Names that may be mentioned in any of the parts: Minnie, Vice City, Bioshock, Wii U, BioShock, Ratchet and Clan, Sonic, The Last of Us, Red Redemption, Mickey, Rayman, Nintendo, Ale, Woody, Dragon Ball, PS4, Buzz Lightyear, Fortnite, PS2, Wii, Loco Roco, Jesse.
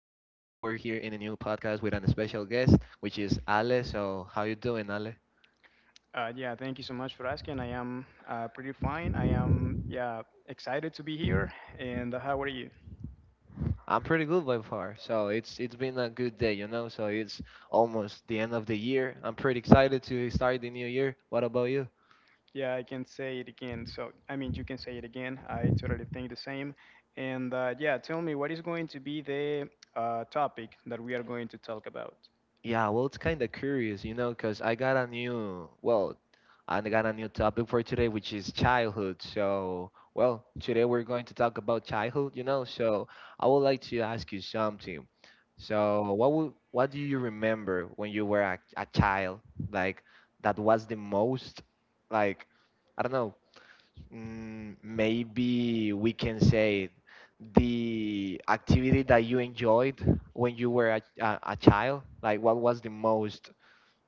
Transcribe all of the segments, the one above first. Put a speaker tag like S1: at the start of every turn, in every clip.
S1: here in a new podcast with an special guest, which is Ale. So, how you doing, Ale?
S2: Yeah, thank you so much for asking. I am pretty fine. I am, yeah, excited to be here. And how are you?
S1: I'm pretty good by far. So it's been a good day, you know. So it's almost the end of the year. I'm pretty excited to start the new year. What about you?
S2: Yeah, I can say it again. So, I mean, you can say it again. I totally think the same. And yeah, tell me what is going to be the topic that we are going to talk about?
S1: Yeah, well, it's kind of curious, you know, because I got a new topic for today, which is childhood. So, well, today we're going to talk about childhood, you know. So I would like to ask you something. So what do you remember when you were a child? Like that was the most like I don't know. Maybe we can say the activity that you enjoyed when you were a child. Like what was the most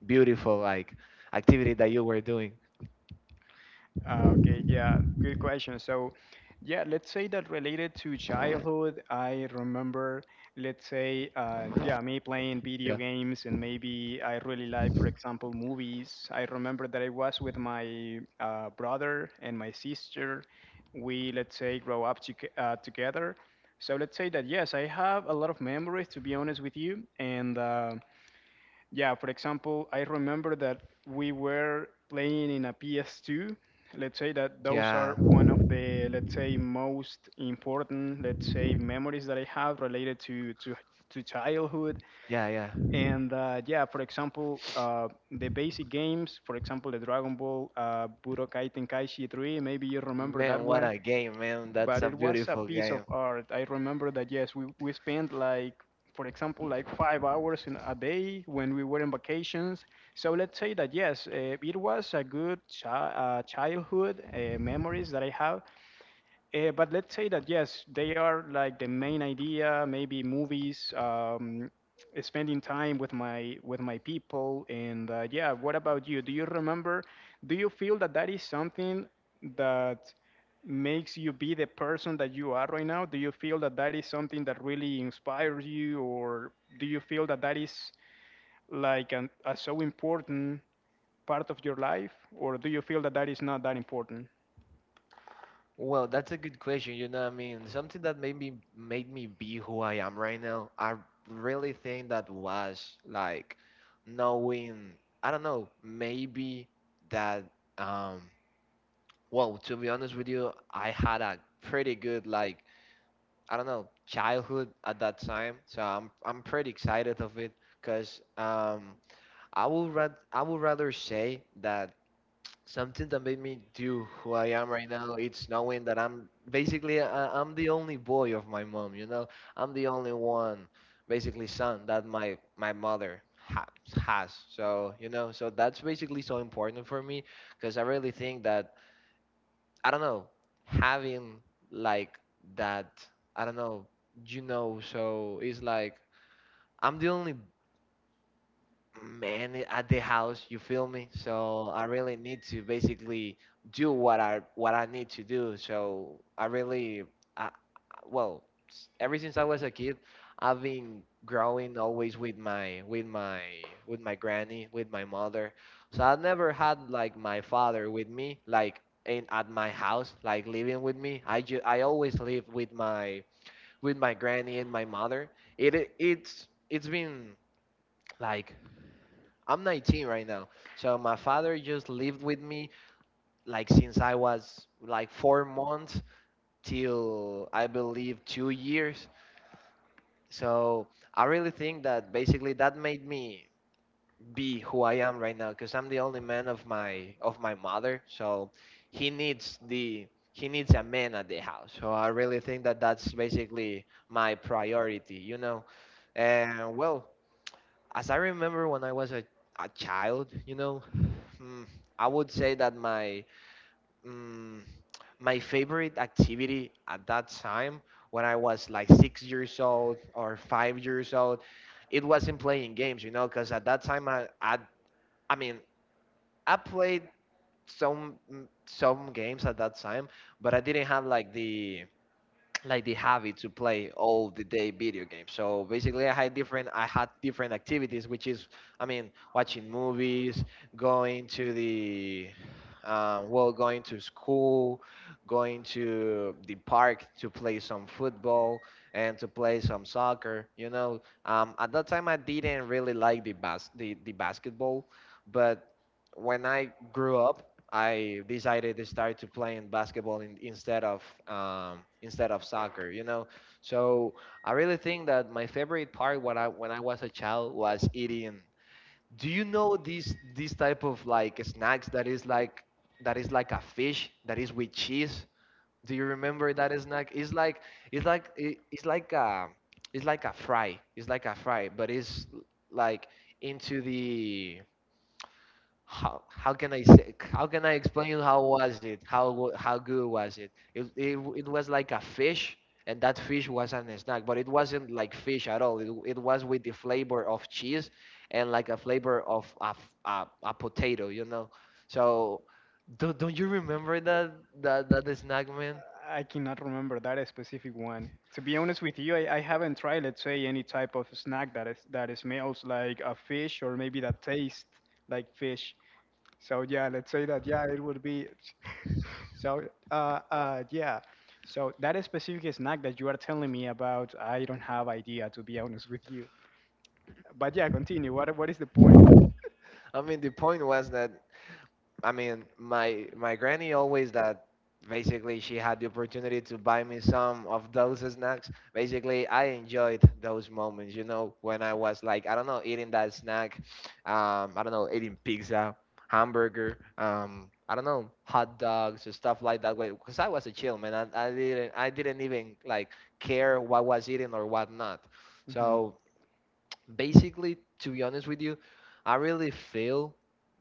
S1: beautiful like activity that you were doing?
S2: Okay, yeah, good question. So, yeah, let's say that related to childhood, I remember, let's say, yeah, me playing video
S1: Yeah.
S2: games, and maybe I really like, for example, movies. I remember that I was with my brother and my sister. We, let's say, grow up to together. So let's say that yes, I have a lot of memories, to be honest with you, and yeah, for example, I remember that we were playing in a PS2. Let's say that those
S1: Yeah,
S2: are one of the, let's say, most important, let's say, memories that I have related to to childhood.
S1: yeah.
S2: And yeah, for example, the basic games, for example, the Dragon Ball, Budokai Tenkaichi 3. Maybe you remember that
S1: Man, what
S2: one,
S1: a game, man. That's
S2: but
S1: a
S2: it was a
S1: beautiful
S2: piece of
S1: game.
S2: art. I remember that yes, we spent, like, for example, like 5 hours in a day when we were in vacations. So let's say that yes, it was a good childhood memories that I have. But let's say that yes, they are like the main idea, maybe movies, spending time with my people, and yeah. What about you? Do you remember? Do you feel that that is something that makes you be the person that you are right now? Do you feel that that is something that really inspires you, or do you feel that that is like a so important part of your life, or do you feel that that is not that important?
S1: Well, that's a good question. You know what I mean? Something that made me be who I am right now. I really think that was like knowing, I don't know, maybe that um well, to be honest with you, I had a pretty good like I don't know, childhood at that time. So I'm pretty excited of it because I would rather say that something that made me do who I am right now, it's knowing that I'm the only boy of my mom, you know? I'm the only one, basically son that my mother ha has. So, you know, so that's basically so important for me because I really think that I don't know, having like that, I don't know, you know, so it's like I'm the only man at the house, you feel me? So I really need to basically do what I what I need to do. So I really I, I- well ever since I was a kid, I've been growing always with my with my granny, with my mother. So I never had like my father with me like in at my house, like living with me. I always live with my granny and my mother. It's been like I'm 19 right now. So my father just lived with me like since I was like 4 months till I believe 2 years. So I really think that basically that made me be who I am right now because I'm the only man of my mother. So he needs the he needs a man at the house. So I really think that that's basically my priority, you know. And well, as I remember when I was a child, you know, mm, I would say that mm, my favorite activity at that time, when I was like 6 years old or 5 years old, it wasn't playing games, you know, because at that time I mean I played some some games at that time, but I didn't have like the habit to play all the day video games. So basically, I had different activities, which is I mean watching movies, going to the well, going to school, going to the park to play some football and to play some soccer. You know, at that time I didn't really like the the basketball, but when I grew up, I decided to start to playing basketball instead of soccer. You know, so I really think that my favorite part when I was a child was eating. Do you know these type of like snacks that is like a fish that is with cheese? Do you remember that snack? It's like it's like it's like a fry, but it's like into the how can I say, how can I explain you how was it, how good was it? It was like a fish, and that fish was an snack, but it wasn't like fish at all. It was with the flavor of cheese and like a flavor of a, a potato, you know. So don't you remember that that snack, man?
S2: I cannot remember that specific one. To be honest with you, I haven't tried, let's say, any type of snack that is that smells like a fish or maybe that tastes like fish. So yeah, let's say that yeah, it would be. So yeah. So that specific snack that you are telling me about, I don't have idea, to be honest with you. But yeah, continue. What is the point?
S1: I mean, the point was that I mean, my granny always that basically she had the opportunity to buy me some of those snacks. Basically, I enjoyed those moments, you know, when I was like, I don't know, eating that snack, I don't know, eating pizza, hamburger, I don't know, hot dogs and stuff like that. Because I was a chill man, I didn't even like care what was eating or what not.
S2: Hmm.
S1: So basically, to be honest with you, I really feel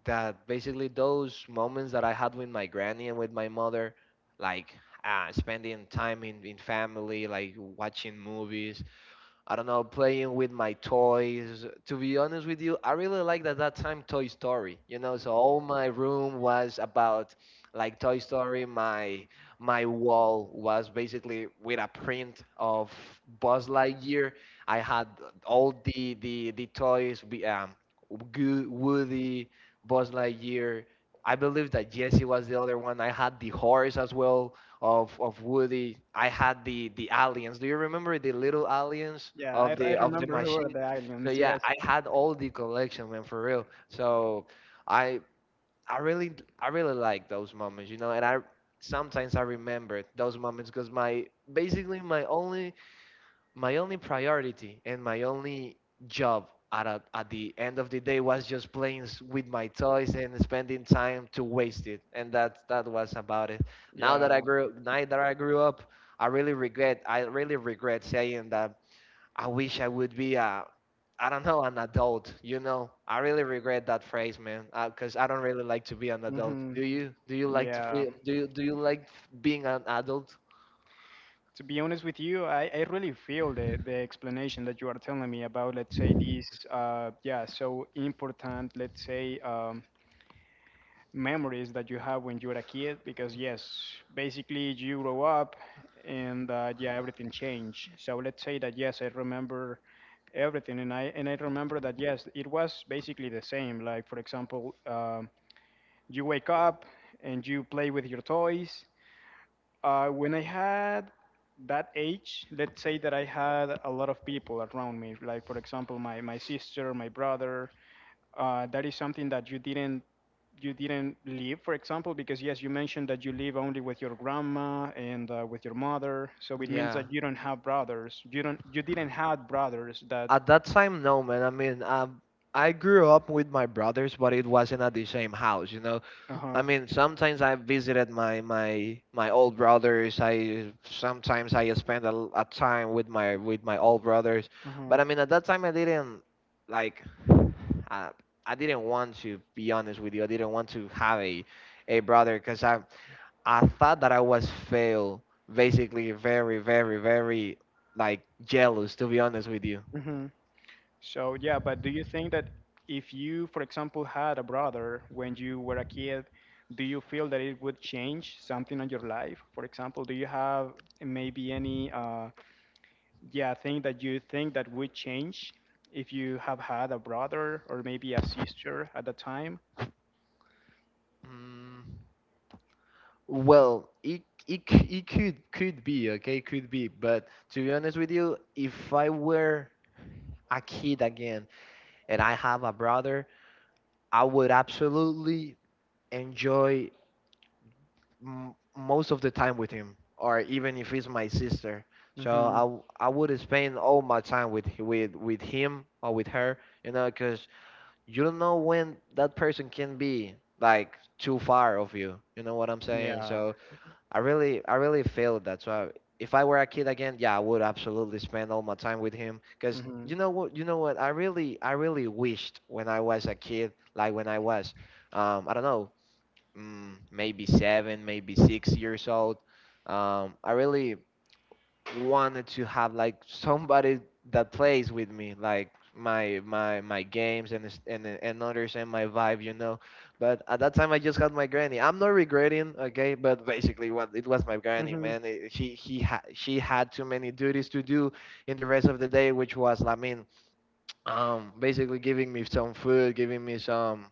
S1: that basically those moments that I had with my granny and with my mother like spending time in family like watching movies, I don't know, playing with my toys. To be honest with you, I really liked at that time Toy Story. You know, so all my room was about like Toy Story. My wall was basically with a print of Buzz Lightyear. I had all the the toys, Woody, Buzz Lightyear. I believe that Jesse was the other one. I had the horse as well of Woody. I had the aliens. Do you remember the little aliens
S2: Yeah, I I
S1: of the
S2: remember who are
S1: machine?
S2: the
S1: So
S2: aliens.
S1: yeah,
S2: Yes.
S1: I had all the collection, man, for real. So I I really I really like those moments, you know. And I sometimes I remember those moments because my basically my only priority and my only job at the end of the day was just playing with my toys and spending time to waste it, and that was about it. Now
S2: Yeah.
S1: that I grew, now that I grew up, I really regret, I really regret saying that I wish I would be a I don't know, an adult, you know. I really regret that phrase, man, because I don't really like to be an adult.
S2: Hmm.
S1: Do you like to
S2: Yeah.
S1: feel, do you like being an adult?
S2: To be honest with you, I really feel the explanation that you are telling me about, let's say, these, yeah, so important, let's say, memories that you have when you're a kid, because yes, basically you grow up, and yeah, everything changed. So let's say that yes, I remember everything, and I remember that yes, it was basically the same. Like for example, you wake up and you play with your toys when I had that age, let's say that I had a lot of people around me, like for example, my sister, my brother. That is something that you didn't live, for example, because yes, you mentioned that you live only with your grandma and with your mother. So it means
S1: Yeah.
S2: that you don't have brothers. You didn't have brothers that.
S1: At that time, no, man. I mean, I grew up with my brothers, but it wasn't at the same house, you know.
S2: Uh
S1: I
S2: huh.
S1: mean, sometimes I visited my my old brothers. I sometimes I spent a time with my old brothers,
S2: Uh
S1: but I mean, at that time, I didn't like. I, I didn't want, to be honest with you. I didn't want to have a brother because I thought that I was fail, basically very very like jealous. To be honest with you.
S2: huh. So yeah, but do you think that if you, for example, had a brother when you were a kid, do you feel that it would change something on your life? For example, do you have maybe any yeah, thing that you think that would change if you have had a brother or maybe a sister at the time?
S1: Mm. Well, it could be okay, could be. But to be honest with you, if I were a kid again and I have a brother, I would absolutely enjoy m most of the time with him, or even if it's my sister. So
S2: Mm-hmm.
S1: I would spend all my time with with him or with her, you know, because you don't know when that person can be like too far of you. You know what I'm saying?
S2: Yeah.
S1: So I really failed that. So I, if I were a kid again, yeah, I would absolutely spend all my time with him. Cause
S2: Mm-hmm.
S1: you know what, I really wished when I was a kid, like when I was, I don't know, maybe 7, maybe 6 years old. I really wanted to have like somebody that plays with me, like my my games and and understand my vibe, you know. But at that time, I just had my granny. I'm not regretting, okay. But basically, what it was my granny,
S2: Mm-hmm.
S1: man. She he she had too many duties to do in the rest of the day, which was, I mean, basically giving me some food, giving me some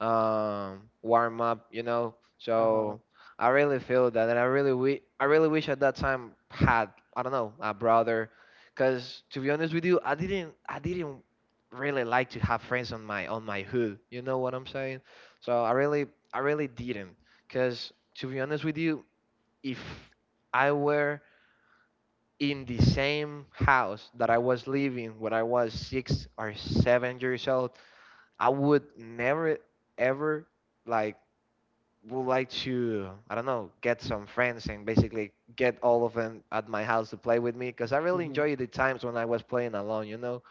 S1: warm up, you know.
S2: Uh-huh.
S1: So I really feel that, and I really wish at that time had I don't know a brother, because to be honest with you, I didn't really like to have friends on my hood. You know what I'm saying? So I really didn't, because to be honest with you, if I were in the same house that I was living when I was 6 or 7 years old, I would never ever like would like to, I don't know, get some friends and basically get all of them at my house to play with me because I really
S2: Mm-hmm.
S1: enjoyed the times when I was playing alone. You know,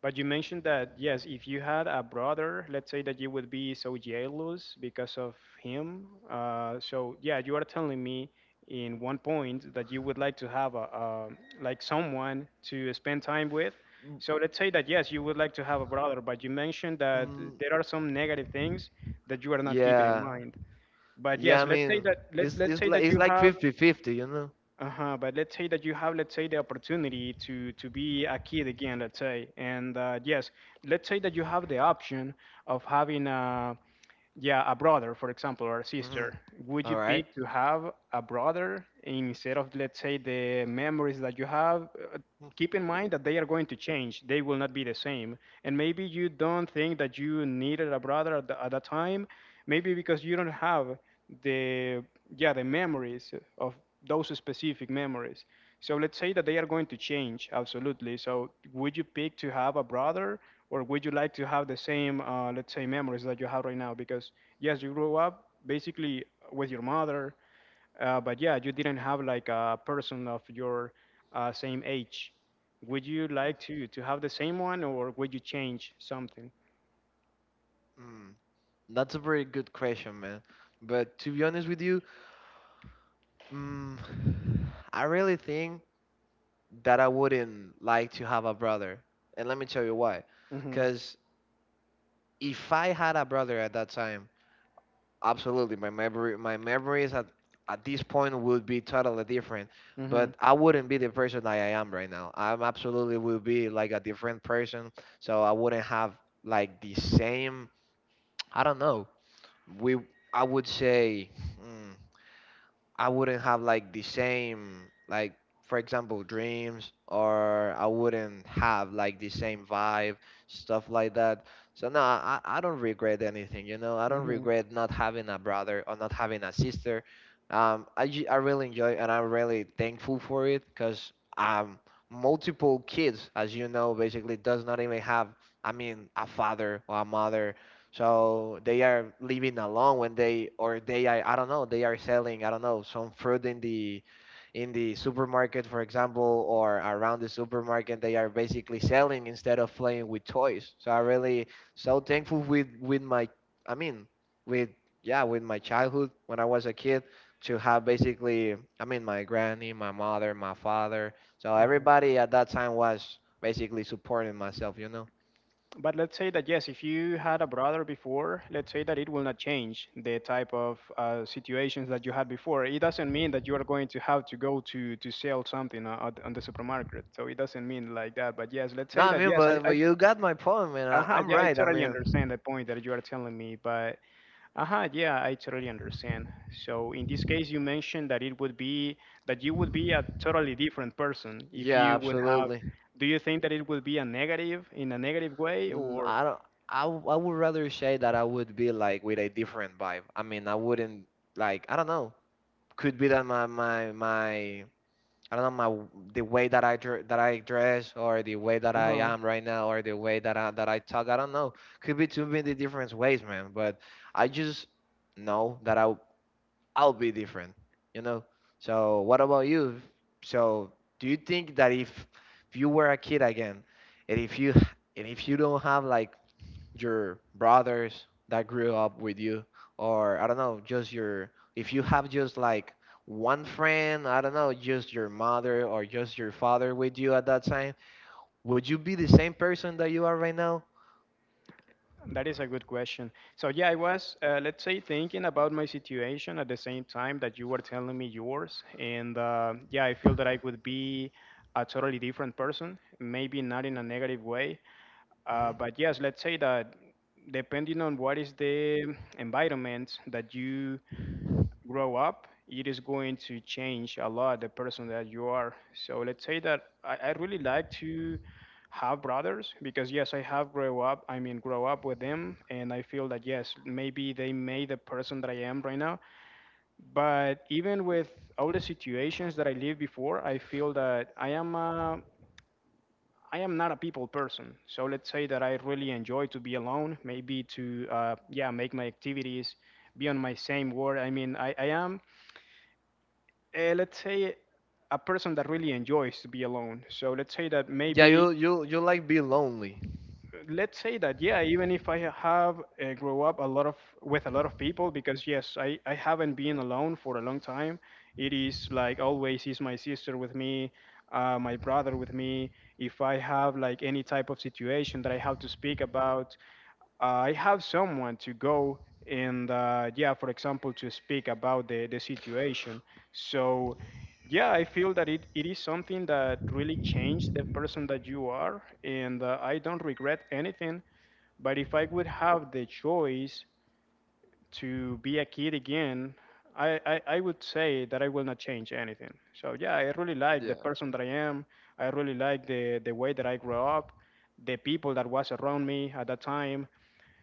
S2: But you mentioned that, yes, if you had a brother, let's say that you would be so jealous because of him. So, yeah, you are telling me in one point that you would like to have a like someone to spend time with. So let's say that, yes, you would like to have a brother, but you mentioned that
S1: mm,
S2: there are some negative things that you are not keeping in
S1: yeah,
S2: mind. But
S1: yeah.
S2: yes,
S1: I
S2: let's say
S1: mean,
S2: that
S1: it's
S2: let's
S1: it's
S2: say
S1: like
S2: that
S1: it's
S2: you
S1: like
S2: have
S1: 50-50, you know.
S2: uh-huh, but let's say that you have, let's say, the opportunity to be a kid again, let's say, and yes, let's say that you have the option of having a yeah a brother, for example, or a sister.
S1: Mhm.
S2: Would you
S1: All right.
S2: pick to have a brother instead of, let's say, the memories that you have? Keep in mind that they are going to change; they will not be the same. And maybe you don't think that you needed a brother at, the, at that time, maybe because you don't have the yeah the memories of those specific memories. So let's say that they are going to change absolutely. So would you pick to have a brother, or would you like to have the same let's say memories that you have right now, because yes you grew up basically with your mother, but yeah you didn't have like a person of your same age. Would you like to have the same one, or would you change something?
S1: Mm, That's a very good question, man. But to be honest with you, Mm, I really think that I wouldn't like to have a brother. And let me tell you why.
S2: Mm-hmm.
S1: Because if I had a brother at that time, absolutely, my memories at this point would be totally different.
S2: Mm-hmm.
S1: But I wouldn't be the person that I am right now. I'm absolutely would be like a different person. So I wouldn't have like the same, I don't know. We, I would say, Hmm, I wouldn't have like the same, like, for example, dreams, or I wouldn't have like the same vibe, stuff like that. So no, I don't regret anything, you know. I don't
S2: Mm-hmm.
S1: regret not having a brother or not having a sister. I really enjoy and I'm really thankful for it because multiple kids, as you know, basically does not even have, I mean, a father or a mother, so they are living alone when they, or they are, I don't know, they are selling, I don't know, some fruit in the supermarket, for example, or around the supermarket they are basically selling instead of playing with toys. So I really so thankful with my, I mean, with, yeah, with my childhood when I was a kid to have basically, I mean, my granny, my mother, my father. So everybody at that time was basically supporting myself, you know.
S2: But let's say that yes, if you had a brother before, let's say that it will not change the type of situations that you had before. It doesn't mean that you are going to have to go to sell something on the supermarket. So it doesn't mean like that. But yes, let's
S1: No,
S2: say
S1: I
S2: that
S1: mean,
S2: yes, I,
S1: but
S2: I
S1: you got my point, man. I,
S2: uh
S1: I'm
S2: yeah, I
S1: right. I
S2: totally
S1: mean,
S2: understand the point that you are telling me. But yeah, I totally understand. So in this case, you mentioned that it would be that you would be a totally different person if
S1: yeah,
S2: you would have.
S1: absolutely.
S2: Do you think that it would be a negative in a negative way, or?
S1: I don't. I would rather say that I would be like with a different vibe. I mean, I wouldn't like. I don't know. Could be that my my my. I don't know, the way that I dress, or the way that I
S2: Uh-huh.
S1: am right now, or the way that I talk. I don't know. Could be too many different ways, man. But I just know that I'll be different, you know? So, what about you? So, do you think that if you were a kid again, and if you don't have like your brothers that grew up with you, or I don't know, just your if you have just like one friend, I don't know, just your mother or just your father with you at that time, would you be the same person that you are right now?
S2: That is a good question. So yeah, I was, let's say, thinking about my situation at the same time that you were telling me yours, and yeah, I feel that I would be a totally different person, maybe not in a negative way,
S1: hmm
S2: but yes, let's say that depending on what is the environment that you grow up, it is going to change a lot the person that you are. So let's say that I really like to have brothers because yes, I have grow up. I mean, grow up with them, and I feel that yes, maybe they made the person that I am right now. But even with all the situations that I lived before, I feel that I am not a people person. So let's say that I really enjoy to be alone, maybe to yeah make my activities, be on my same word. I mean, I am let's say a person that really enjoys to be alone. So let's say that
S1: Yeah, you like be lonely.
S2: yeah, even if I have grow up a lot of with a lot of people, because yes I haven't been alone for a long time, it is like always is my sister with me, my brother with me. If I have like any type of situation that I have to speak about, I have someone to go and yeah, for example, to speak about the situation. So yeah, I feel that it is something that really changed the person that you are, and I don't regret anything. But if I would have the choice to be a kid again, I would say that I will not change anything. So yeah, I really like the
S1: Yeah.
S2: person that I am. I really like the way that I grew up, the people that was around me at that time.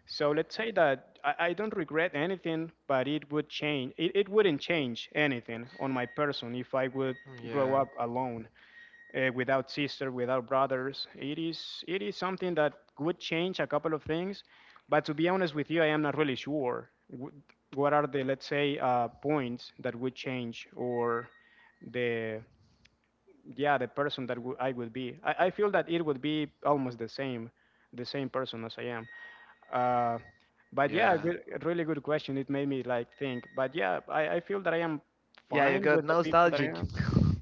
S2: So let's say that I don't regret anything, but it would change. It wouldn't change anything on my person if I would grow
S1: Yeah.
S2: up alone, without sister, without brothers. It is something that would change a couple of things, but to be honest with you, I am not really sure what are the let's say points that would change or the yeah the person that I would be. I feel that it would be almost the same person as I am. Uh, but yeah, a
S1: Yeah.
S2: a really good question. It made me like think. But yeah, I feel that I am
S1: Yeah, you
S2: fine
S1: got
S2: with the people that I
S1: nostalgic.
S2: am.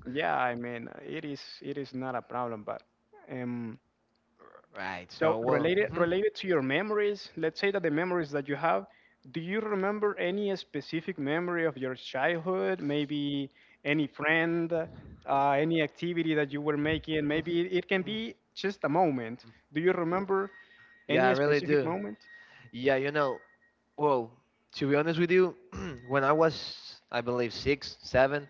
S2: Yeah, I mean, it is not a problem. But um,
S1: Right.
S2: so
S1: So, well.
S2: related
S1: Mhm,
S2: to your memories, let's say that the memories that you have, do you remember any specific memory of your childhood? Maybe any friend, any activity that you were making.
S1: mm,
S2: Maybe it can
S1: mm.
S2: be just a moment. Do you remember
S1: Yeah, I
S2: any
S1: really
S2: specific
S1: do.
S2: moment?
S1: Yeah, you know. Well, to be honest with you, when I was, I believe, six, seven,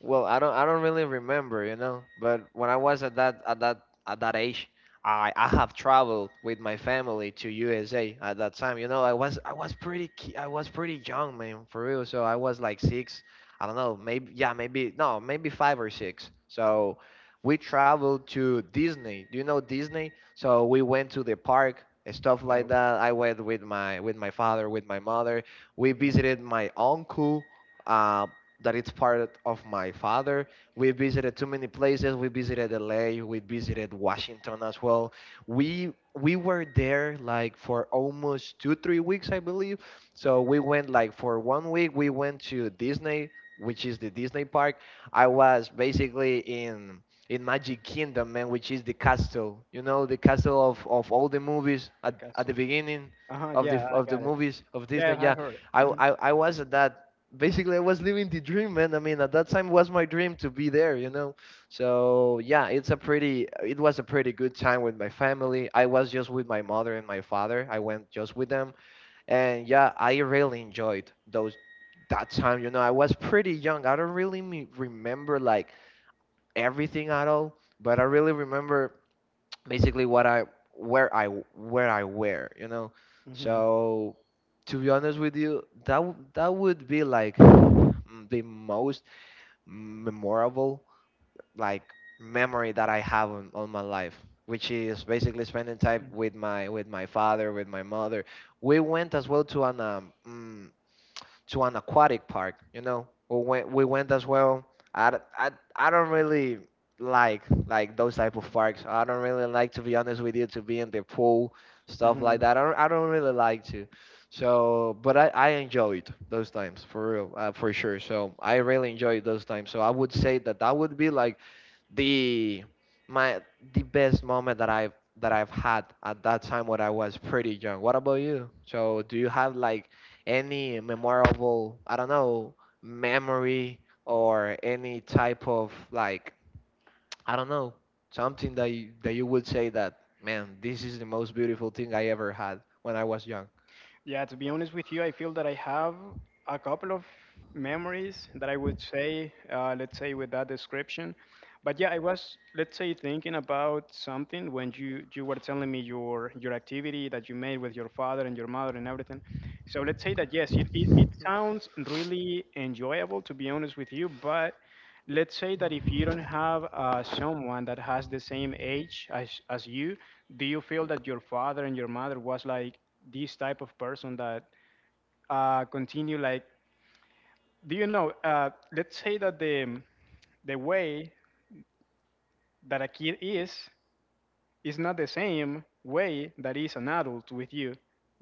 S1: well, I don't really remember, you know. But when I was at that age, I have traveled with my family to USA at that time. You know, I was pretty young, man, for real. So I was like 6. I don't know, maybe yeah, maybe no, maybe 5 or 6. So we traveled to Disney. Do you know Disney? So we went to the park and stuff like
S2: No.
S1: that. I went with my father, with my mother. We
S2: hmm
S1: visited my uncle. Uh, that it's part of my father. We visited too many places. We visited LA. We visited Washington as well. We were there like for almost two three weeks, I believe. So we went like for one week. We went to Disney, which is the Disney park. I was basically in Magic Kingdom, man, which is the castle. You know, the castle of all the movies
S2: The
S1: at the
S2: castle.
S1: beginning
S2: Uh huh.
S1: of the
S2: Yeah, I
S1: of the
S2: got it.
S1: movies of
S2: Yeah,
S1: Disney.
S2: I
S1: Yeah,
S2: heard.
S1: I
S2: Mm-hmm.
S1: I, I was at that basically I was living the dream, man. I mean, at that time was my dream to be there, you know. So yeah, it was a pretty good time with my family. I was just with my mother and my father. I went just with them, and yeah, I really enjoyed those that time. You know, I was pretty young. I don't really remember like everything at all, but I really remember basically what I where I where I wear, you know.
S2: Mm-hmm.
S1: So to be honest with you, that would be like, the most memorable like memory that I have on my life, which is basically spending time with my father, with my mother. We went as well to an aquatic park, you know. We went as well. I I I I don't really like those type of parks. I don't really like to be honest with you to be in the pool, stuff
S2: Mm-hmm.
S1: like that. I don't really like to. So, but I enjoyed those times for real, for sure. So I really enjoyed those times. So I would say that that would be like the my the best moment that I've had at that time when I was pretty young. What about you? So do you have like any memorable, I don't know, memory or any type of like, I don't know, something that you would say that, man, this is the most beautiful thing I ever had when I was young.
S2: Yeah, to be honest with you, I feel that I have a couple of memories that I would say, let's say, with that description. But yeah, I was, let's say, thinking about something when you were telling me your activity that you made with your father and your mother and everything. So let's say that yes, it sounds really enjoyable, to be honest with you. But let's say that if you don't have someone that has the same age as you, do you feel that your father and your mother was like this type of person that continue, like, do you know, let's say that the way that a kid is, it's not the same way that is an adult with you.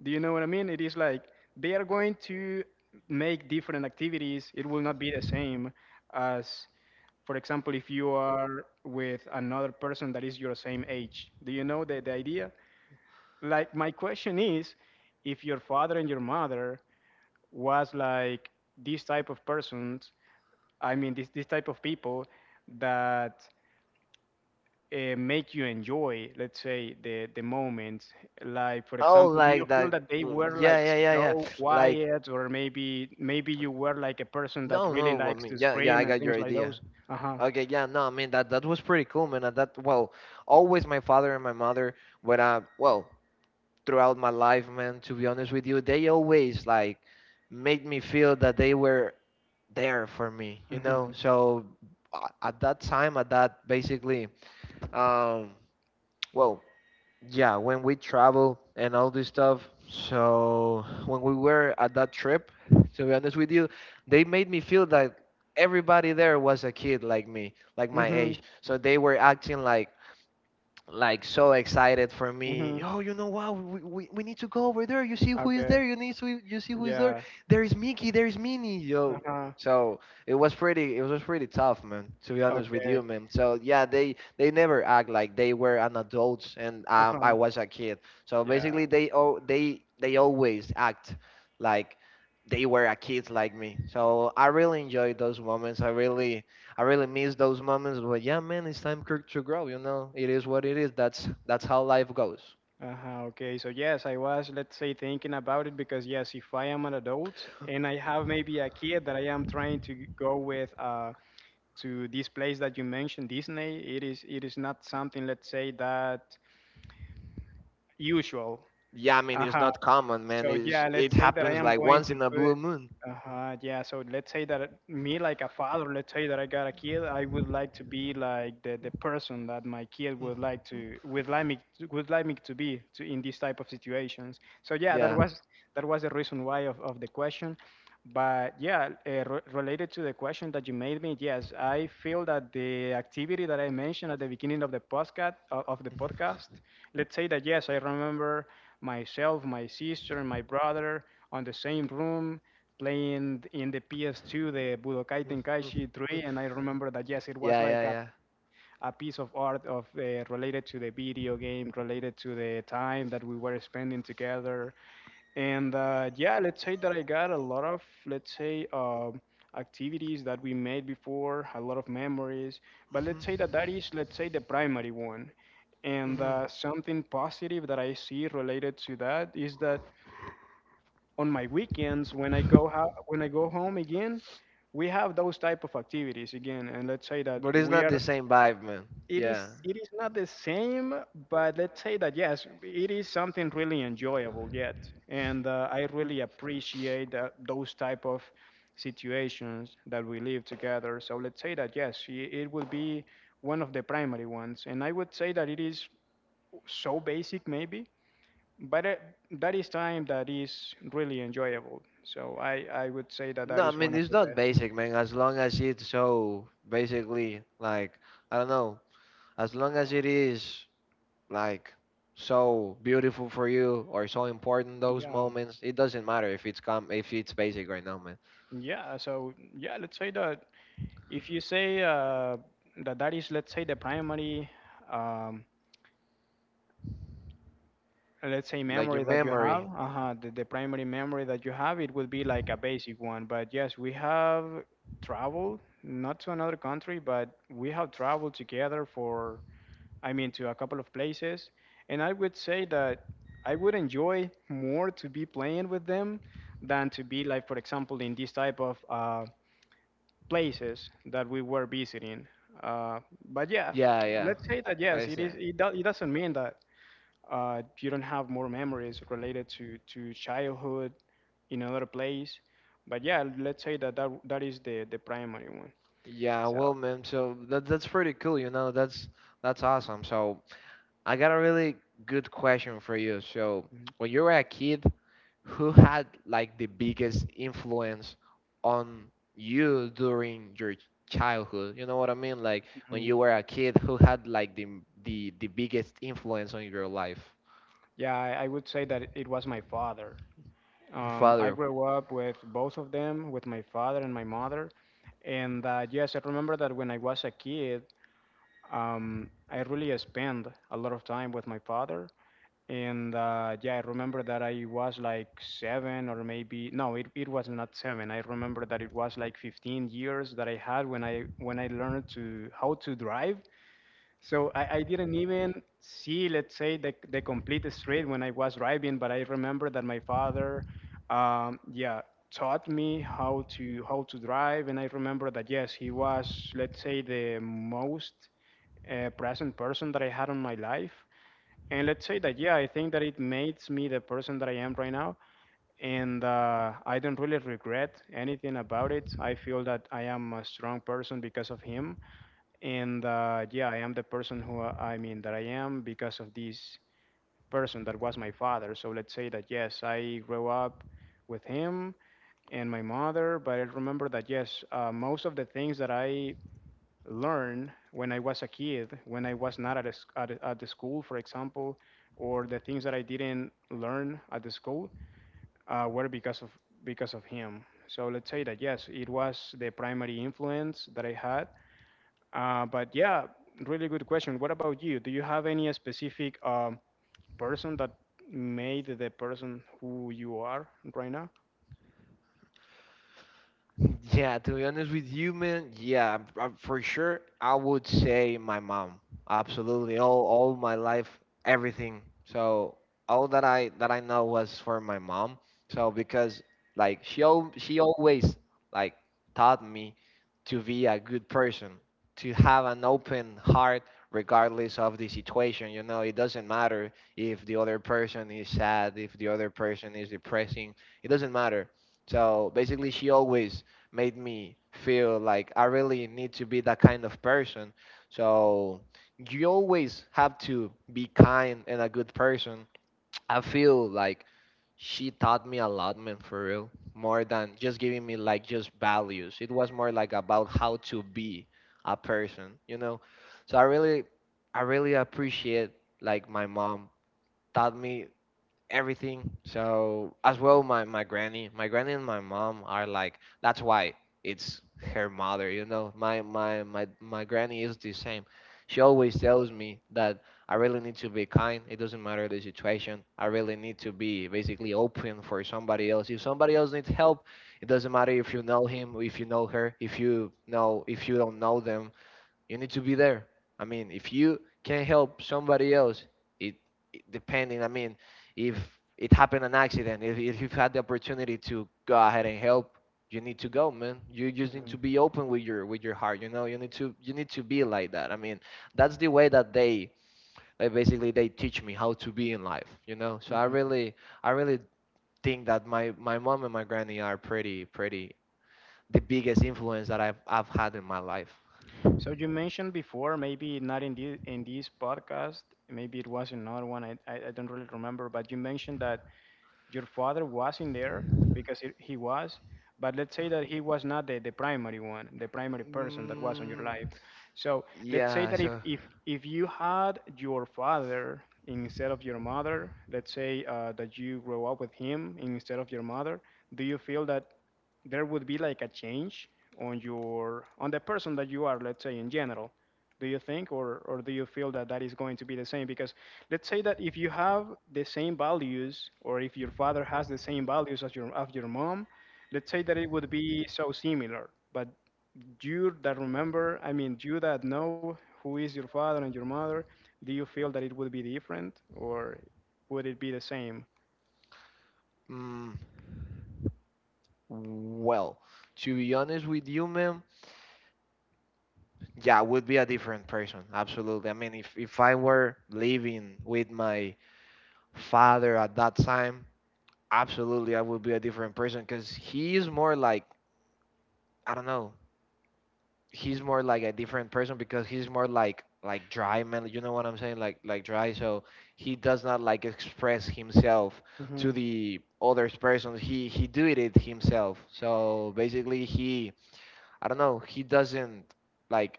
S2: Do you know what I mean? It is like they are going to make different activities. It will not be the same as, for example, if you are with another person that is your same age. Do you know the idea? Like, my question is if your father and your mother was like this type of persons, I mean, this type of people that make you enjoy, let's say, the moments. Like, for
S1: Oh,
S2: example, do you
S1: like
S2: feel
S1: that.
S2: that they were
S1: Yeah,
S2: like
S1: yeah, yeah, yeah.
S2: so
S1: Like
S2: quiet, or maybe you were like a person that
S1: no,
S2: really
S1: no, I
S2: likes
S1: mean,
S2: to
S1: yeah, yeah, I
S2: scream and
S1: got your
S2: things like
S1: idea.
S2: those? Uh huh.
S1: Okay, yeah, no, I mean that was pretty cool, man. And, that well, always my father and my mother, when I, well, throughout my life, man. To be honest with you, they always like made me feel that they were there for me, you know.
S2: Mhm.
S1: So at that time, at that basically, um, well, yeah, when we travel and all this stuff. So when we were at that trip, to be honest with you, they made me feel that everybody there was a kid like me, like my
S2: Mhm.
S1: age. So they were acting like so excited for me.
S2: Mhm.
S1: Oh, you know what? We need to go over there. You see who is
S2: Okay.
S1: there? You need to You see who is there?
S2: Yeah.
S1: There is Mickey. There is Minnie.
S2: Uh
S1: Yo.
S2: huh.
S1: So it was pretty tough, man. To be honest with
S2: Okay.
S1: you, man. So yeah, they never act like they were an adults, and
S2: Uh
S1: I
S2: huh.
S1: was a kid. So
S2: Yeah.
S1: basically, they always act like they were a kid like me. So I really enjoyed those moments. I really miss those moments. But yeah, man, it's time to grow. You know, it is what it is. That's how life goes.
S2: Uh-huh, okay, so yes, I was, let's say, thinking about it because yes, if I am an adult and I have maybe a kid that I am trying to go with, to this place that you mentioned, Disney, it is not something, let's say, that usual.
S1: Yeah, I mean, it's
S2: Uh-huh.
S1: not common, man.
S2: So
S1: It's,
S2: yeah,
S1: it
S2: let's say that I
S1: happens
S2: am
S1: like
S2: going
S1: once
S2: to
S1: in a
S2: put.
S1: blue moon.
S2: Uh-huh, yeah. So let's say that me, like a father, let's say that I got a kid, I would like to be like the person that my kid
S1: Mm,
S2: would like to would like me to be to, in these type of situations. So yeah, that
S1: yeah.
S2: was that was the reason why of the question. But yeah, related to the question that you made me, yes, I feel that the activity that I mentioned at the beginning of the podcast,
S1: Mhm,
S2: let's say that yes, I remember myself, my sister, and my brother on the same room playing in the PS2 the Budokai
S1: mhm, mhm.
S2: Tenkaichi 3, and I remember that yes, it was
S1: Yeah,
S2: like
S1: yeah,
S2: a
S1: yeah.
S2: a piece of art of related to the video game, related to the time that we were spending together. And yeah, let's say that I got a lot of, let's say, activities that we made before, a lot of memories. But
S1: Mhm,
S2: let's say that that is, let's say, the primary one. And
S1: mhm.
S2: something positive that I see related to that is that on my weekends, when I go when I go home again, we have those type of activities again. And let's say that
S1: But it's
S2: we
S1: not the
S2: are,
S1: same vibe, man.
S2: it is
S1: Yeah.
S2: it is not the same, but let's say that yes, it is something really enjoyable yet, and I really appreciate that, those type of situations that we live together. So let's say that yes, it would be one of the primary ones, and I would say that it is so basic maybe, but that is time that is really enjoyable. So I would say that that
S1: No, I
S2: is one
S1: mean,
S2: of
S1: it's
S2: the
S1: not
S2: best.
S1: basic, man. As long as it's so basically, like, I don't know, as long as it is like so beautiful for you or so important those
S2: Yeah,
S1: moments, it doesn't matter if it's basic right now, man,
S2: yeah. So yeah, let's say that if you say that that is, let's say, the primary, um, let's say,
S1: like your
S2: memory that you have,
S1: memory.
S2: the primary memory that you have, it would be like a basic one. But yes, we have traveled, not to another country, but we have traveled together for, I mean, to a couple of places. And I would say that I would enjoy more to be playing with them than to be like, for example, in this type of places that we were visiting. Uh, but yeah,
S1: Yeah, yeah,
S2: let's say that
S1: I
S2: yes, it
S1: see.
S2: is. It doesn't mean that you don't have more memories related to childhood in another place. But yeah, let's say that that is the primary one.
S1: Yeah,
S2: So
S1: well, man, so that's pretty cool, you know, that's awesome. So I got a really good question for you. So
S2: mhm,
S1: when you were a kid, who had like the biggest influence on you during your childhood? You know what I mean, like when
S2: mhm.
S1: you were a kid, who had like the biggest influence on your life,
S2: Yeah, I would say that it was my father.
S1: your
S2: I
S1: father?
S2: grew up with both of them, with my father and my mother. And yes, I remember that when I was a kid, I really spent a lot of time with my father. And yeah, I remember that I was like seven or maybe no, it was not seven. I remember that it was like 15 years that I had when I learned to how to drive. So I didn't even see, let's say, the complete street when I was driving, but I remember that my father, yeah, taught me how to drive, and I remember that yes, he was, let's say, the most present person that I had on my life, and let's say that yeah, I think that it makes me the person that I am right now, and I don't really regret anything about it. I feel that I am a strong person because of him, and yeah, I am the person who I mean that I am because of this person that was my father. So let's say that yes, I grew up with him and my mother, but I remember that yes, most of the things that I learned when I was a kid, when I was not at, a, sc- at, a- at the school, for example, or the things that I didn't learn at the school, were because of him. So let's say that yes, it was the primary influence that I had. But yeah, really good question. What about you? Do you have any specific person that made the person who you are right now?
S1: Yeah, to be honest with you, man, yeah, I for sure, I would say my mom. Absolutely, all my life, everything. So all that I know was for my mom. So because like she always like taught me to be a good person, to have an open heart regardless of the situation. You know, it doesn't matter if the other person is sad, if the other person is depressing. It doesn't matter. So basically, she always made me feel like I really need to be that kind of person. So you always have to be kind and a good person. I feel like she taught me a lot, man, for real. More than just giving me like just values. It was more like about how to be a person, you know. So I really appreciate like my mom taught me everything. So as well, my granny and my mom are like, that's why it's her mother. You know, my granny is the same. She always tells me that I really need to be kind. It doesn't matter the situation. I really need to be basically open for somebody else. If somebody else needs help, it doesn't matter if you know him, if you know her, if you don't know them you need to be there. I mean, if you can help somebody else, it, depending. I mean, if it happened an accident, if you've had the opportunity to go ahead and help, you need to go, man. You just need to
S2: Mhm,
S1: be open with your heart. You need to be like that. I mean, that's the way that they like basically they teach me how to be in life. So I
S2: mhm.
S1: really I really think that my mom and my granny are pretty pretty the biggest influence that I've had in my life.
S2: So you mentioned before, maybe not in the, in this podcast, maybe it was in another one. I don't really remember, but you mentioned that your father was in there because it, he was, but let's say that he was not the, the primary one, the primary person that was on your
S1: Mm,
S2: life. So let's say
S1: yeah,
S2: that if
S1: so
S2: if you had your father instead of your mother, let's say that you grow up with him instead of your mother, do you feel that there would be like a change on your, on the person that you are, let's say in general, do you think, or do you feel that that is going to be the same? Because let's say that if you have the same values, or if your father has the same values as your, of your mom, let's say that it would be so similar. But you that remember, I mean, you that know who is your father and your mother, do you feel that it would be different, or would it be the same?
S1: mm, well, to be honest with you, ma'am, yeah, I would be a different person. Absolutely. I mean, if I were living with my father at that time, absolutely I would be a different person, because he is more like, I don't know. He's more like a different person because he's more like dry, man. You know what I'm saying? Like dry. So he does not like express himself to
S2: Mhm.
S1: the others person. He do it himself. So basically, he, I don't know, he doesn't like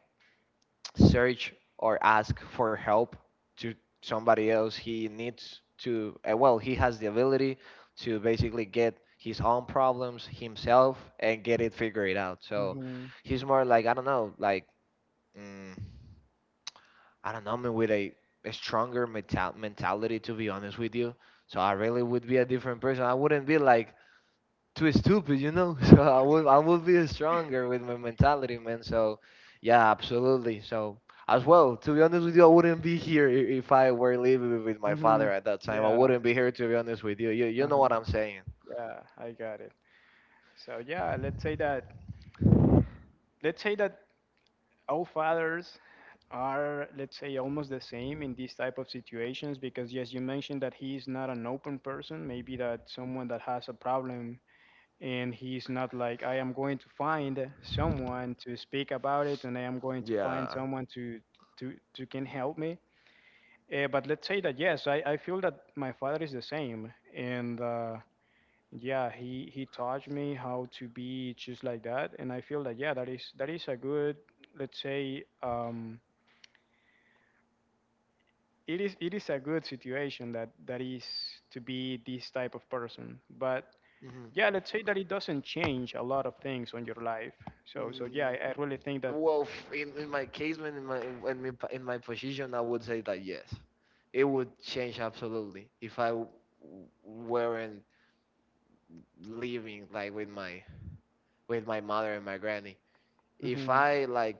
S1: search or ask for help to somebody else. He needs to, well, he has the ability to basically get his own problems himself and get it figured out. So
S2: Mhm.
S1: he's more like, I don't know, like, mm, I don't know, man, with a stronger mentality, to be honest with you. So I really would be a different person. I wouldn't be like too stupid. So I will be stronger with my mentality, man. So yeah, absolutely. So as well, to be honest with you, I wouldn't be here if I were living with my
S2: Mhm.
S1: father at that time. I
S2: Yeah.
S1: wouldn't be here, to be honest with you. You know what
S2: Uh-huh.
S1: I'm saying?
S2: Yeah, I got it. So yeah, let's say that all fathers are, let's say, almost the same in these type of situations, because yes, you mentioned that he's not an open person, maybe that someone that has a problem and he's not like, I am going to find someone to speak about it, and I am going to find
S1: Yeah.
S2: someone to to can help me. But let's say that yes, I feel that my father is the same, and yeah, he taught me how to be just like that, and I feel that yeah, that is a good, let's say, um, it is a good situation that is to be this type of person. But
S1: hmm
S2: yeah, let's say that it doesn't change a lot of things on your life. So so
S1: Mm,
S2: yeah, I really think that
S1: well, in my case, man, in my in my in my position, I would say that yes, it would change absolutely if I weren't living like with my mother and my granny. If
S2: hmm
S1: I like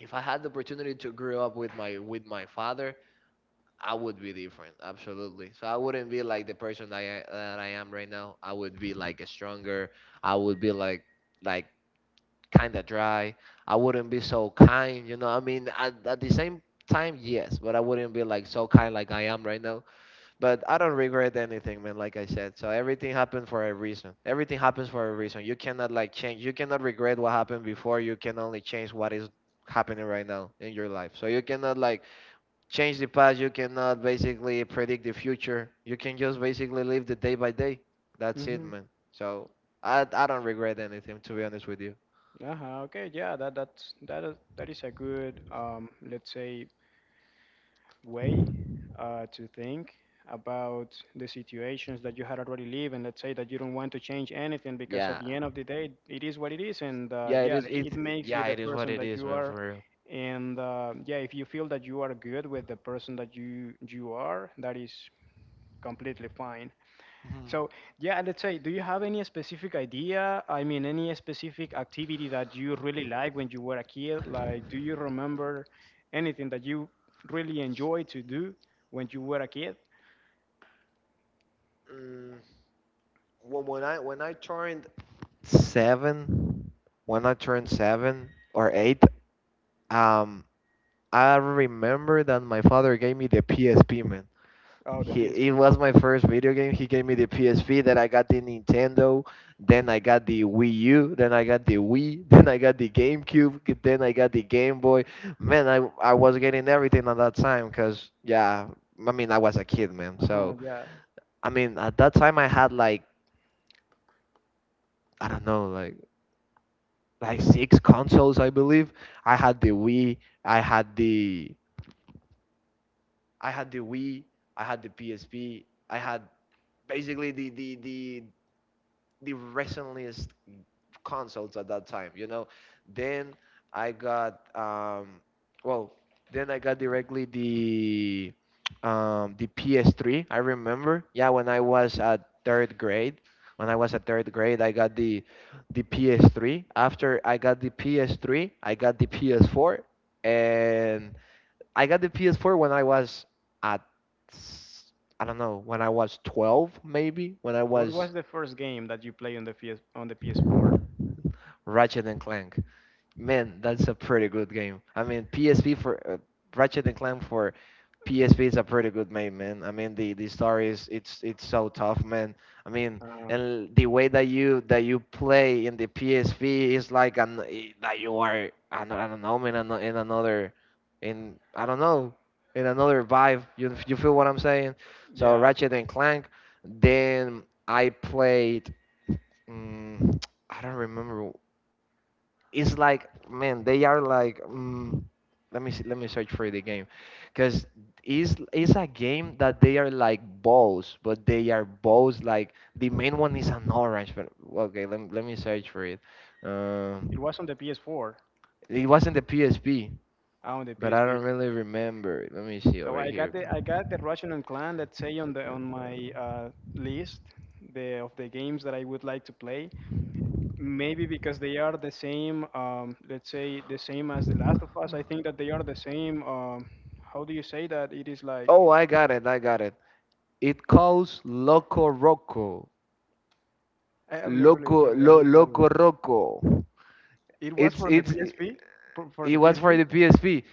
S1: if I had the opportunity to grow up with my father, I would be different, absolutely. So I wouldn't be like the person that I am right now. I would be like stronger. I would be like kind of dry. I wouldn't be so kind. I mean, at the same time, yes, but I wouldn't be like so kind like I am right now. But I don't regret anything, man. Like I said, so everything happened for a reason. Everything happens for a reason. You cannot like change. You cannot regret what happened before. You can only change what is happening right now in your life. So you cannot like change the past. You cannot basically predict the future. You can just basically live the day by day. That's it,
S2: hmm,
S1: man. So I don't regret anything, to be honest with you.
S2: uh-huh, okay. Yeah, that is a good, let's say, way to think about the situations that you had already lived, and let's say that you don't want to change anything because at
S1: Yeah,
S2: the end of the day it is what it is, and
S1: yeah. It
S2: yeah,
S1: is it.
S2: it
S1: It-
S2: makes you
S1: Yeah,
S2: the
S1: it is what
S2: person
S1: it
S2: that
S1: is,
S2: you
S1: man.
S2: are,
S1: For real.
S2: and yeah, if you feel that you are good with the person that you are, that is completely fine.
S1: Mhm.
S2: So, yeah, let's say, do you have any specific idea? I mean, any specific activity that you really like when you were a kid? Do you remember anything that you really enjoyed to do when you were a kid?
S1: Mm, when when I when I turned seven, when I turned seven or eight, um, I remember that my father gave me the PSP, man.
S2: Oh, the
S1: It
S2: PSP.
S1: was my first video game. He gave me the PSP, then I got the Nintendo, then I got the Wii U, then I got the Wii, then I got the GameCube, then I got the Game Boy. Man, I was getting everything at that time because, yeah, I mean, I was a kid, man.
S2: Uh-huh,
S1: So,
S2: yeah.
S1: I mean, at that time I had like, I don't know, like six consoles, I believe. I had the Wii, I had the I had the Wii, I had the PSP, I had basically the recentliest consoles at that time. Then I got um well, then I got directly the PS3. I remember, yeah, when I was at third grade. When I was at third grade, I got the PS3. After I got the PS3, I got the PS4, and I got the PS4 when I was at s- I don't know, when I was 12, maybe, when I
S2: What
S1: was
S2: was the first game that you played on the PS on the PS4?
S1: Ratchet and Clank. Man, that's a pretty good game. I mean, PSP, for Ratchet and Clank for PSP is a pretty good game, man. I mean, the story is it's so tough, man. I mean,
S2: Uh,
S1: and the way that you play in the PSP is like that you are, I don't know, man, in another, in, I don't know, in another vibe. You feel what I'm saying? So,
S2: yeah,
S1: Ratchet and Clank. Then I played. Mm, I don't remember. It's like, man, they are like, let me see, let me search for the game because it's a game that they are like balls, but they are balls, like the main one is an orange, but okay, let me search for it, um
S2: it was on the PS4,
S1: it wasn't the PSP,
S2: on the
S1: but I
S2: PSP.
S1: don't really remember, let me see
S2: So
S1: over here.
S2: I got the Ratchet and Clan, let's say, on the on my list the of the games that I would like to play. Maybe because they are the same, let's say the same as The Last of Us. I think that they are the same. How do you say that? It is like
S1: Oh, I got it. It calls Loco Roco.
S2: I am not really sure what is that
S1: Loco
S2: one.
S1: Roco.
S2: It was
S1: It's
S2: for the
S1: it's
S2: PSP, for
S1: it
S2: the
S1: was for
S2: PSP.
S1: the PSP.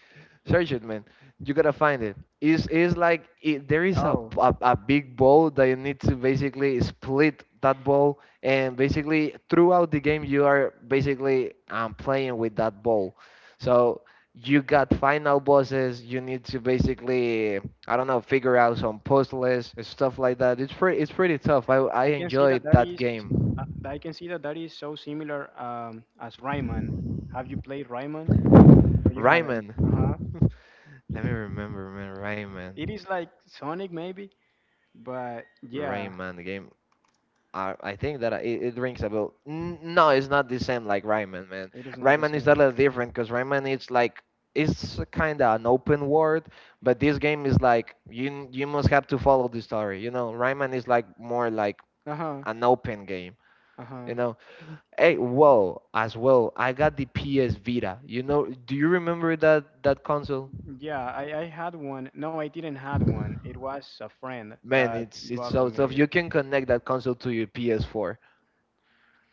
S1: Search it, man. You gotta find it. It's like there is a, b-
S2: Oh,
S1: a big ball that you need to basically split that ball, and basically throughout the game you are basically playing with that ball. So you got final bosses. You need to basically, I don't know, figure out some puzzles and stuff like that. It's pretty tough. I
S2: I can see
S1: enjoyed
S2: that that
S1: that
S2: is
S1: game.
S2: I can see that that is so similar as Rayman. Have you played Rayman or you haven't?
S1: Rayman.
S2: Uh huh.
S1: Let me remember, man. Rayman.
S2: It is like Sonic maybe, but yeah,
S1: Rayman, the game. I think that it rings a bell. No, it's not the same like Rayman, man.
S2: it is not the
S1: Rayman is a
S2: same.
S1: little different because Rayman is like it's kind of an open world, but this game is like you must have to follow the story. Rayman is like more like
S2: Uh huh.
S1: an open game.
S2: Uh huh.
S1: You know, Hey, well, as well, I got the PS Vita. Do you remember that console?
S2: Yeah, I had one. No, I didn't had one. It was a friend
S1: Man,
S2: that
S1: it's
S2: borrowed
S1: so tough.
S2: me.
S1: You can connect that console to your PS4.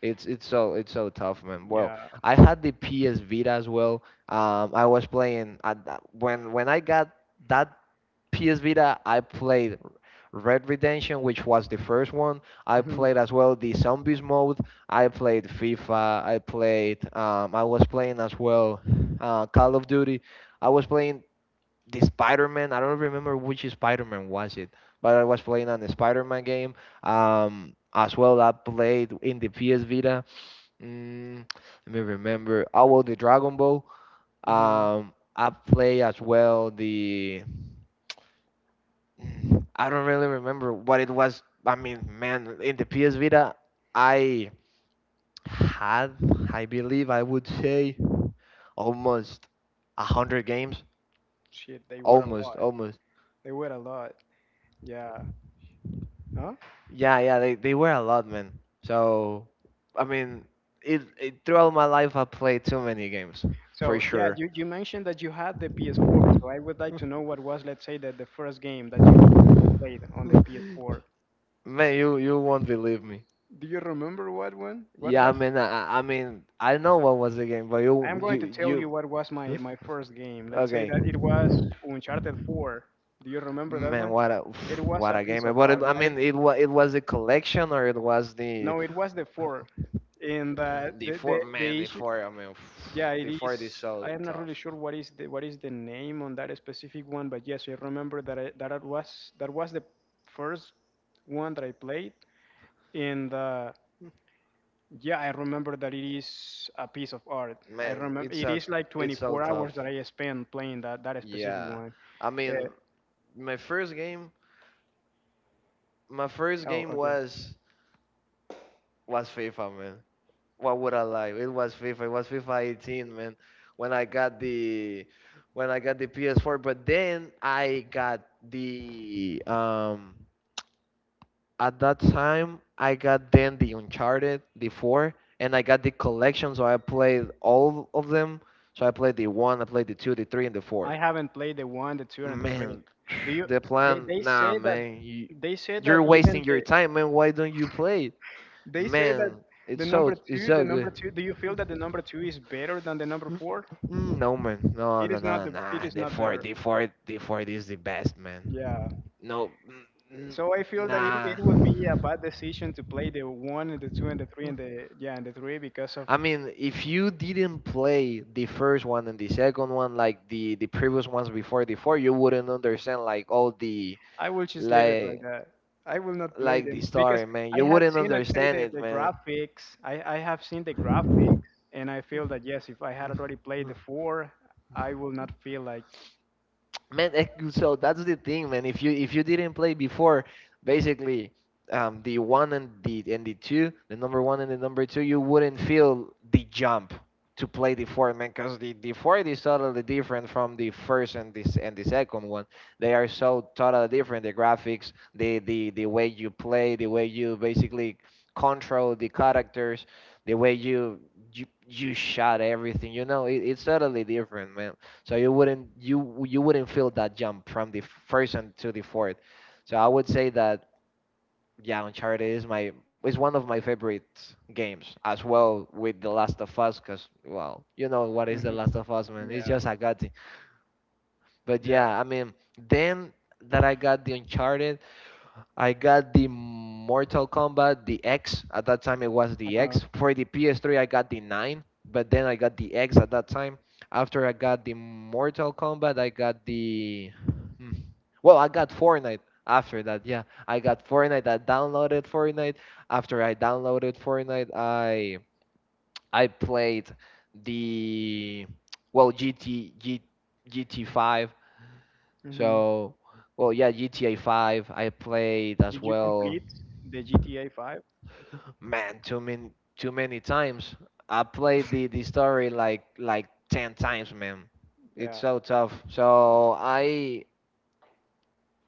S1: It's so tough, man. Well,
S2: Yeah.
S1: I had the PS Vita as well. I was playing when I got that PS Vita, I played Red Redemption, which was the first one. I
S2: Mhm.
S1: played as well the Zombies mode. I played FIFA. I played. I was playing as well, Call of Duty. I was playing the Spider Man. I don't remember which Spider Man was it, but I was playing on the Spider Man game. As well, I played in the PS Vita. Mm, Let me remember. Oh, well, the Dragon Ball.
S2: Uh-huh.
S1: I play as well, the I don't really remember what it was. I mean, man, in the PS Vita, I had, I believe, I would say, almost 100 games.
S2: Shit, they were a
S1: Almost,
S2: lot.
S1: almost.
S2: They were a lot. Yeah. Huh?
S1: Yeah, yeah, they were a lot, man. So, I mean, it throughout my life, I played too many games, for
S2: So yeah,
S1: sure.
S2: you mentioned that you had the PS4, so I would like to know what was, let's say, that the first game that you played on the PS4.
S1: Man, you won't believe me.
S2: Do you remember what one? What
S1: Yeah, I
S2: was?
S1: mean, I mean, I know what was the game, but you
S2: I'm going to tell you
S1: you
S2: what was
S1: you.
S2: my first game. Let's say
S1: Okay.
S2: that it was Uncharted 4. Do you remember that
S1: Man,
S2: one?
S1: what a
S2: It was
S1: what
S2: a
S1: a game!
S2: piece of
S1: But
S2: art.
S1: I mean, it was the collection, or it was the
S2: No, it was the four, and
S1: the four, man,
S2: the
S1: the
S2: issue.
S1: four. I mean,
S2: Yeah, it
S1: the four is
S2: is. I
S1: so
S2: am not
S1: tough.
S2: really sure what is the name on that specific one, but yes, I remember that I, that it was that was the first one that I played, and yeah, I remember that it is a piece of art. I
S1: Man,
S2: remember
S1: it's
S2: it
S1: a
S2: is like
S1: it's so
S2: 24
S1: tough.
S2: hours that I spent playing that specific
S1: Yeah,
S2: one.
S1: I mean,
S2: Uh,
S1: my first game, my first
S2: oh,
S1: game
S2: okay.
S1: was FIFA, man. What would I lie? It was FIFA. It was FIFA 18, man. When I got the when I got the PS4. But then I got the at that time, I got then the Uncharted, the four, and I got the collection, so I played all of them. So I played the one, I played the two, the three, and the four.
S2: I haven't played the one, the two, and the three.
S1: Man,
S2: Do you?
S1: the
S2: They
S1: plan,
S2: they say
S1: nah,
S2: that
S1: man, you,
S2: they say that
S1: you're
S2: even
S1: wasting your
S2: the
S1: time, man. Why don't you play it,
S2: they say that
S1: man?
S2: the
S1: It's so,
S2: number
S1: it's
S2: two, the
S1: so good.
S2: number two. Do you feel that the number two is better than the number four?
S1: Mm, no, man, no,
S2: It
S1: no,
S2: is not
S1: no,
S2: the.
S1: nah.
S2: It is
S1: The
S2: not
S1: four,
S2: better.
S1: the four, the four is the best, man.
S2: Yeah.
S1: No, mm, mm,
S2: So I feel that
S1: nah.
S2: it would be a bad decision to play the one and the two and the three and the yeah and the three, because of
S1: I mean, if you didn't play the first one and the second one, like the previous ones before, you wouldn't understand like all the
S2: I will just leave it like
S1: like
S2: that. I will not play
S1: like the
S2: them because
S1: story, man.
S2: I
S1: You
S2: had
S1: wouldn't
S2: seen, let's say,
S1: understand it,
S2: the
S1: man.
S2: graphics. I have seen the graphics and I feel that yes, if I had already played the four, I will not feel like
S1: Man, so that's the thing, man. If you didn't play before, basically, the one and the two, the number one and the number two, you wouldn't feel the jump to play the four, man, because the four is totally different from the first and this and the second one. They are so totally different, the graphics, the way you play, the way you basically control the characters, the way you shot everything, you know. It's totally different, man. So you wouldn't feel that jump from the first and to the fourth. So I would say that, yeah, Uncharted is my is one of my favorite games, as well with The Last of Us, because, well, you know what is The
S2: mhm,
S1: Last of Us, man, it's
S2: yeah
S1: just a god. But
S2: yeah
S1: yeah, I mean, then that, I got the Uncharted, I got the Mortal Kombat, the X. At that time, it was
S2: uh
S1: the X.
S2: huh.
S1: For the PS3, I got the 9, but then I got the X at that time. After I got the Mortal Kombat, I got the. Hmm. Well, I got Fortnite after that, yeah. I got Fortnite, I downloaded Fortnite. After I downloaded Fortnite, I played the, well, GT GT5.
S2: Mm-hmm.
S1: So, well, yeah, GTA 5, I played as
S2: Did you
S1: well.
S2: complete the GTA 5?
S1: Man, too many times. I played the the story like 10 times, man. It's
S2: Yeah.
S1: so tough. So, I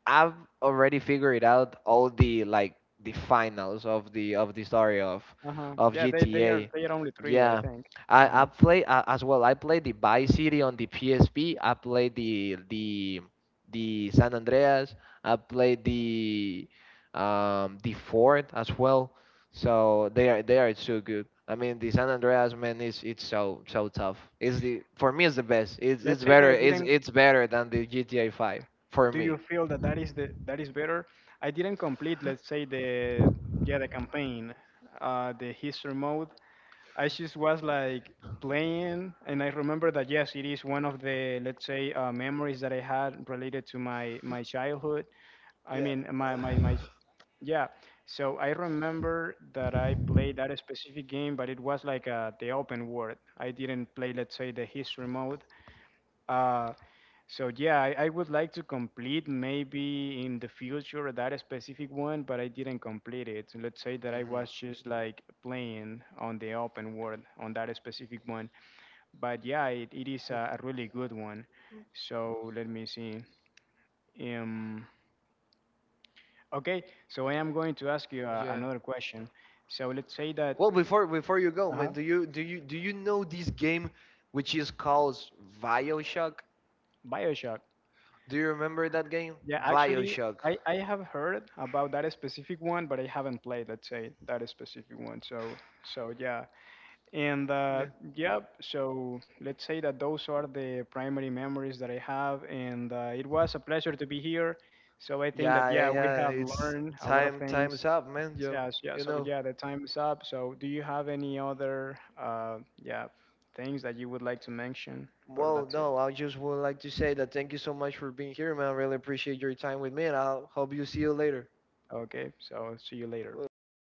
S1: I've already figured out all the finals of the story of
S2: Uh-huh.
S1: of
S2: Yeah,
S1: GTA.
S2: they are only three, I
S1: Yeah,
S2: think.
S1: I
S2: Uh-huh.
S1: play, as well. I played the Vice City on the PSP. I played the San Andreas. I played the Ford as well. So they are so good. I mean, the San Andreas, man, is it's so so tough. It's the for me, it's the best. It's
S2: Let's say that
S1: better.
S2: I
S1: It's
S2: didn't.
S1: it's better than the GTA 5 for
S2: Do
S1: me.
S2: you feel that that is the that is better? I didn't complete, let's say the campaign, the history mode. I just was like playing, and I remember that yes, it is one of the, let's say, memories that I had related to my childhood. I mean, my yeah. So I remember that I played that specific game, but it was like the open world. I didn't play, let's say, the history mode. Uh, so yeah, I would like to complete, maybe in the future, that specific one, but I didn't complete it. So let's say that I was
S1: Mhm.
S2: just like playing on the open world on that specific one. But yeah, it is a really good one. So let me see. Um, okay, so I am going to ask you
S1: Yeah.
S2: another question. So let's say that
S1: Well, before you go,
S2: uh-huh,
S1: man, do you know this game which is called BioShock?
S2: Bioshock.
S1: Do you remember that game?
S2: Yeah, actually,
S1: Bioshock.
S2: I have heard about that specific one, but I haven't played, let's say, that specific one. So yeah. And
S1: Yeah.
S2: yeah, so let's say that those are the primary memories that I have. And it was a pleasure to be here. So I think that,
S1: Yeah,
S2: yeah,
S1: yeah,
S2: we have
S1: yeah. It's
S2: learned a lot of things.
S1: time's up, man. Yo,
S2: Yeah, so, yeah,
S1: you
S2: so
S1: know.
S2: yeah, the time is up. So do you have any other, yeah, things that you would like to mention? Or
S1: Well,
S2: that's it.
S1: no, I just would like to say that thank you so much for being here, man. I really appreciate your time with me, and I will hope you see you later.
S2: Okay, so see you later.
S1: Well, well,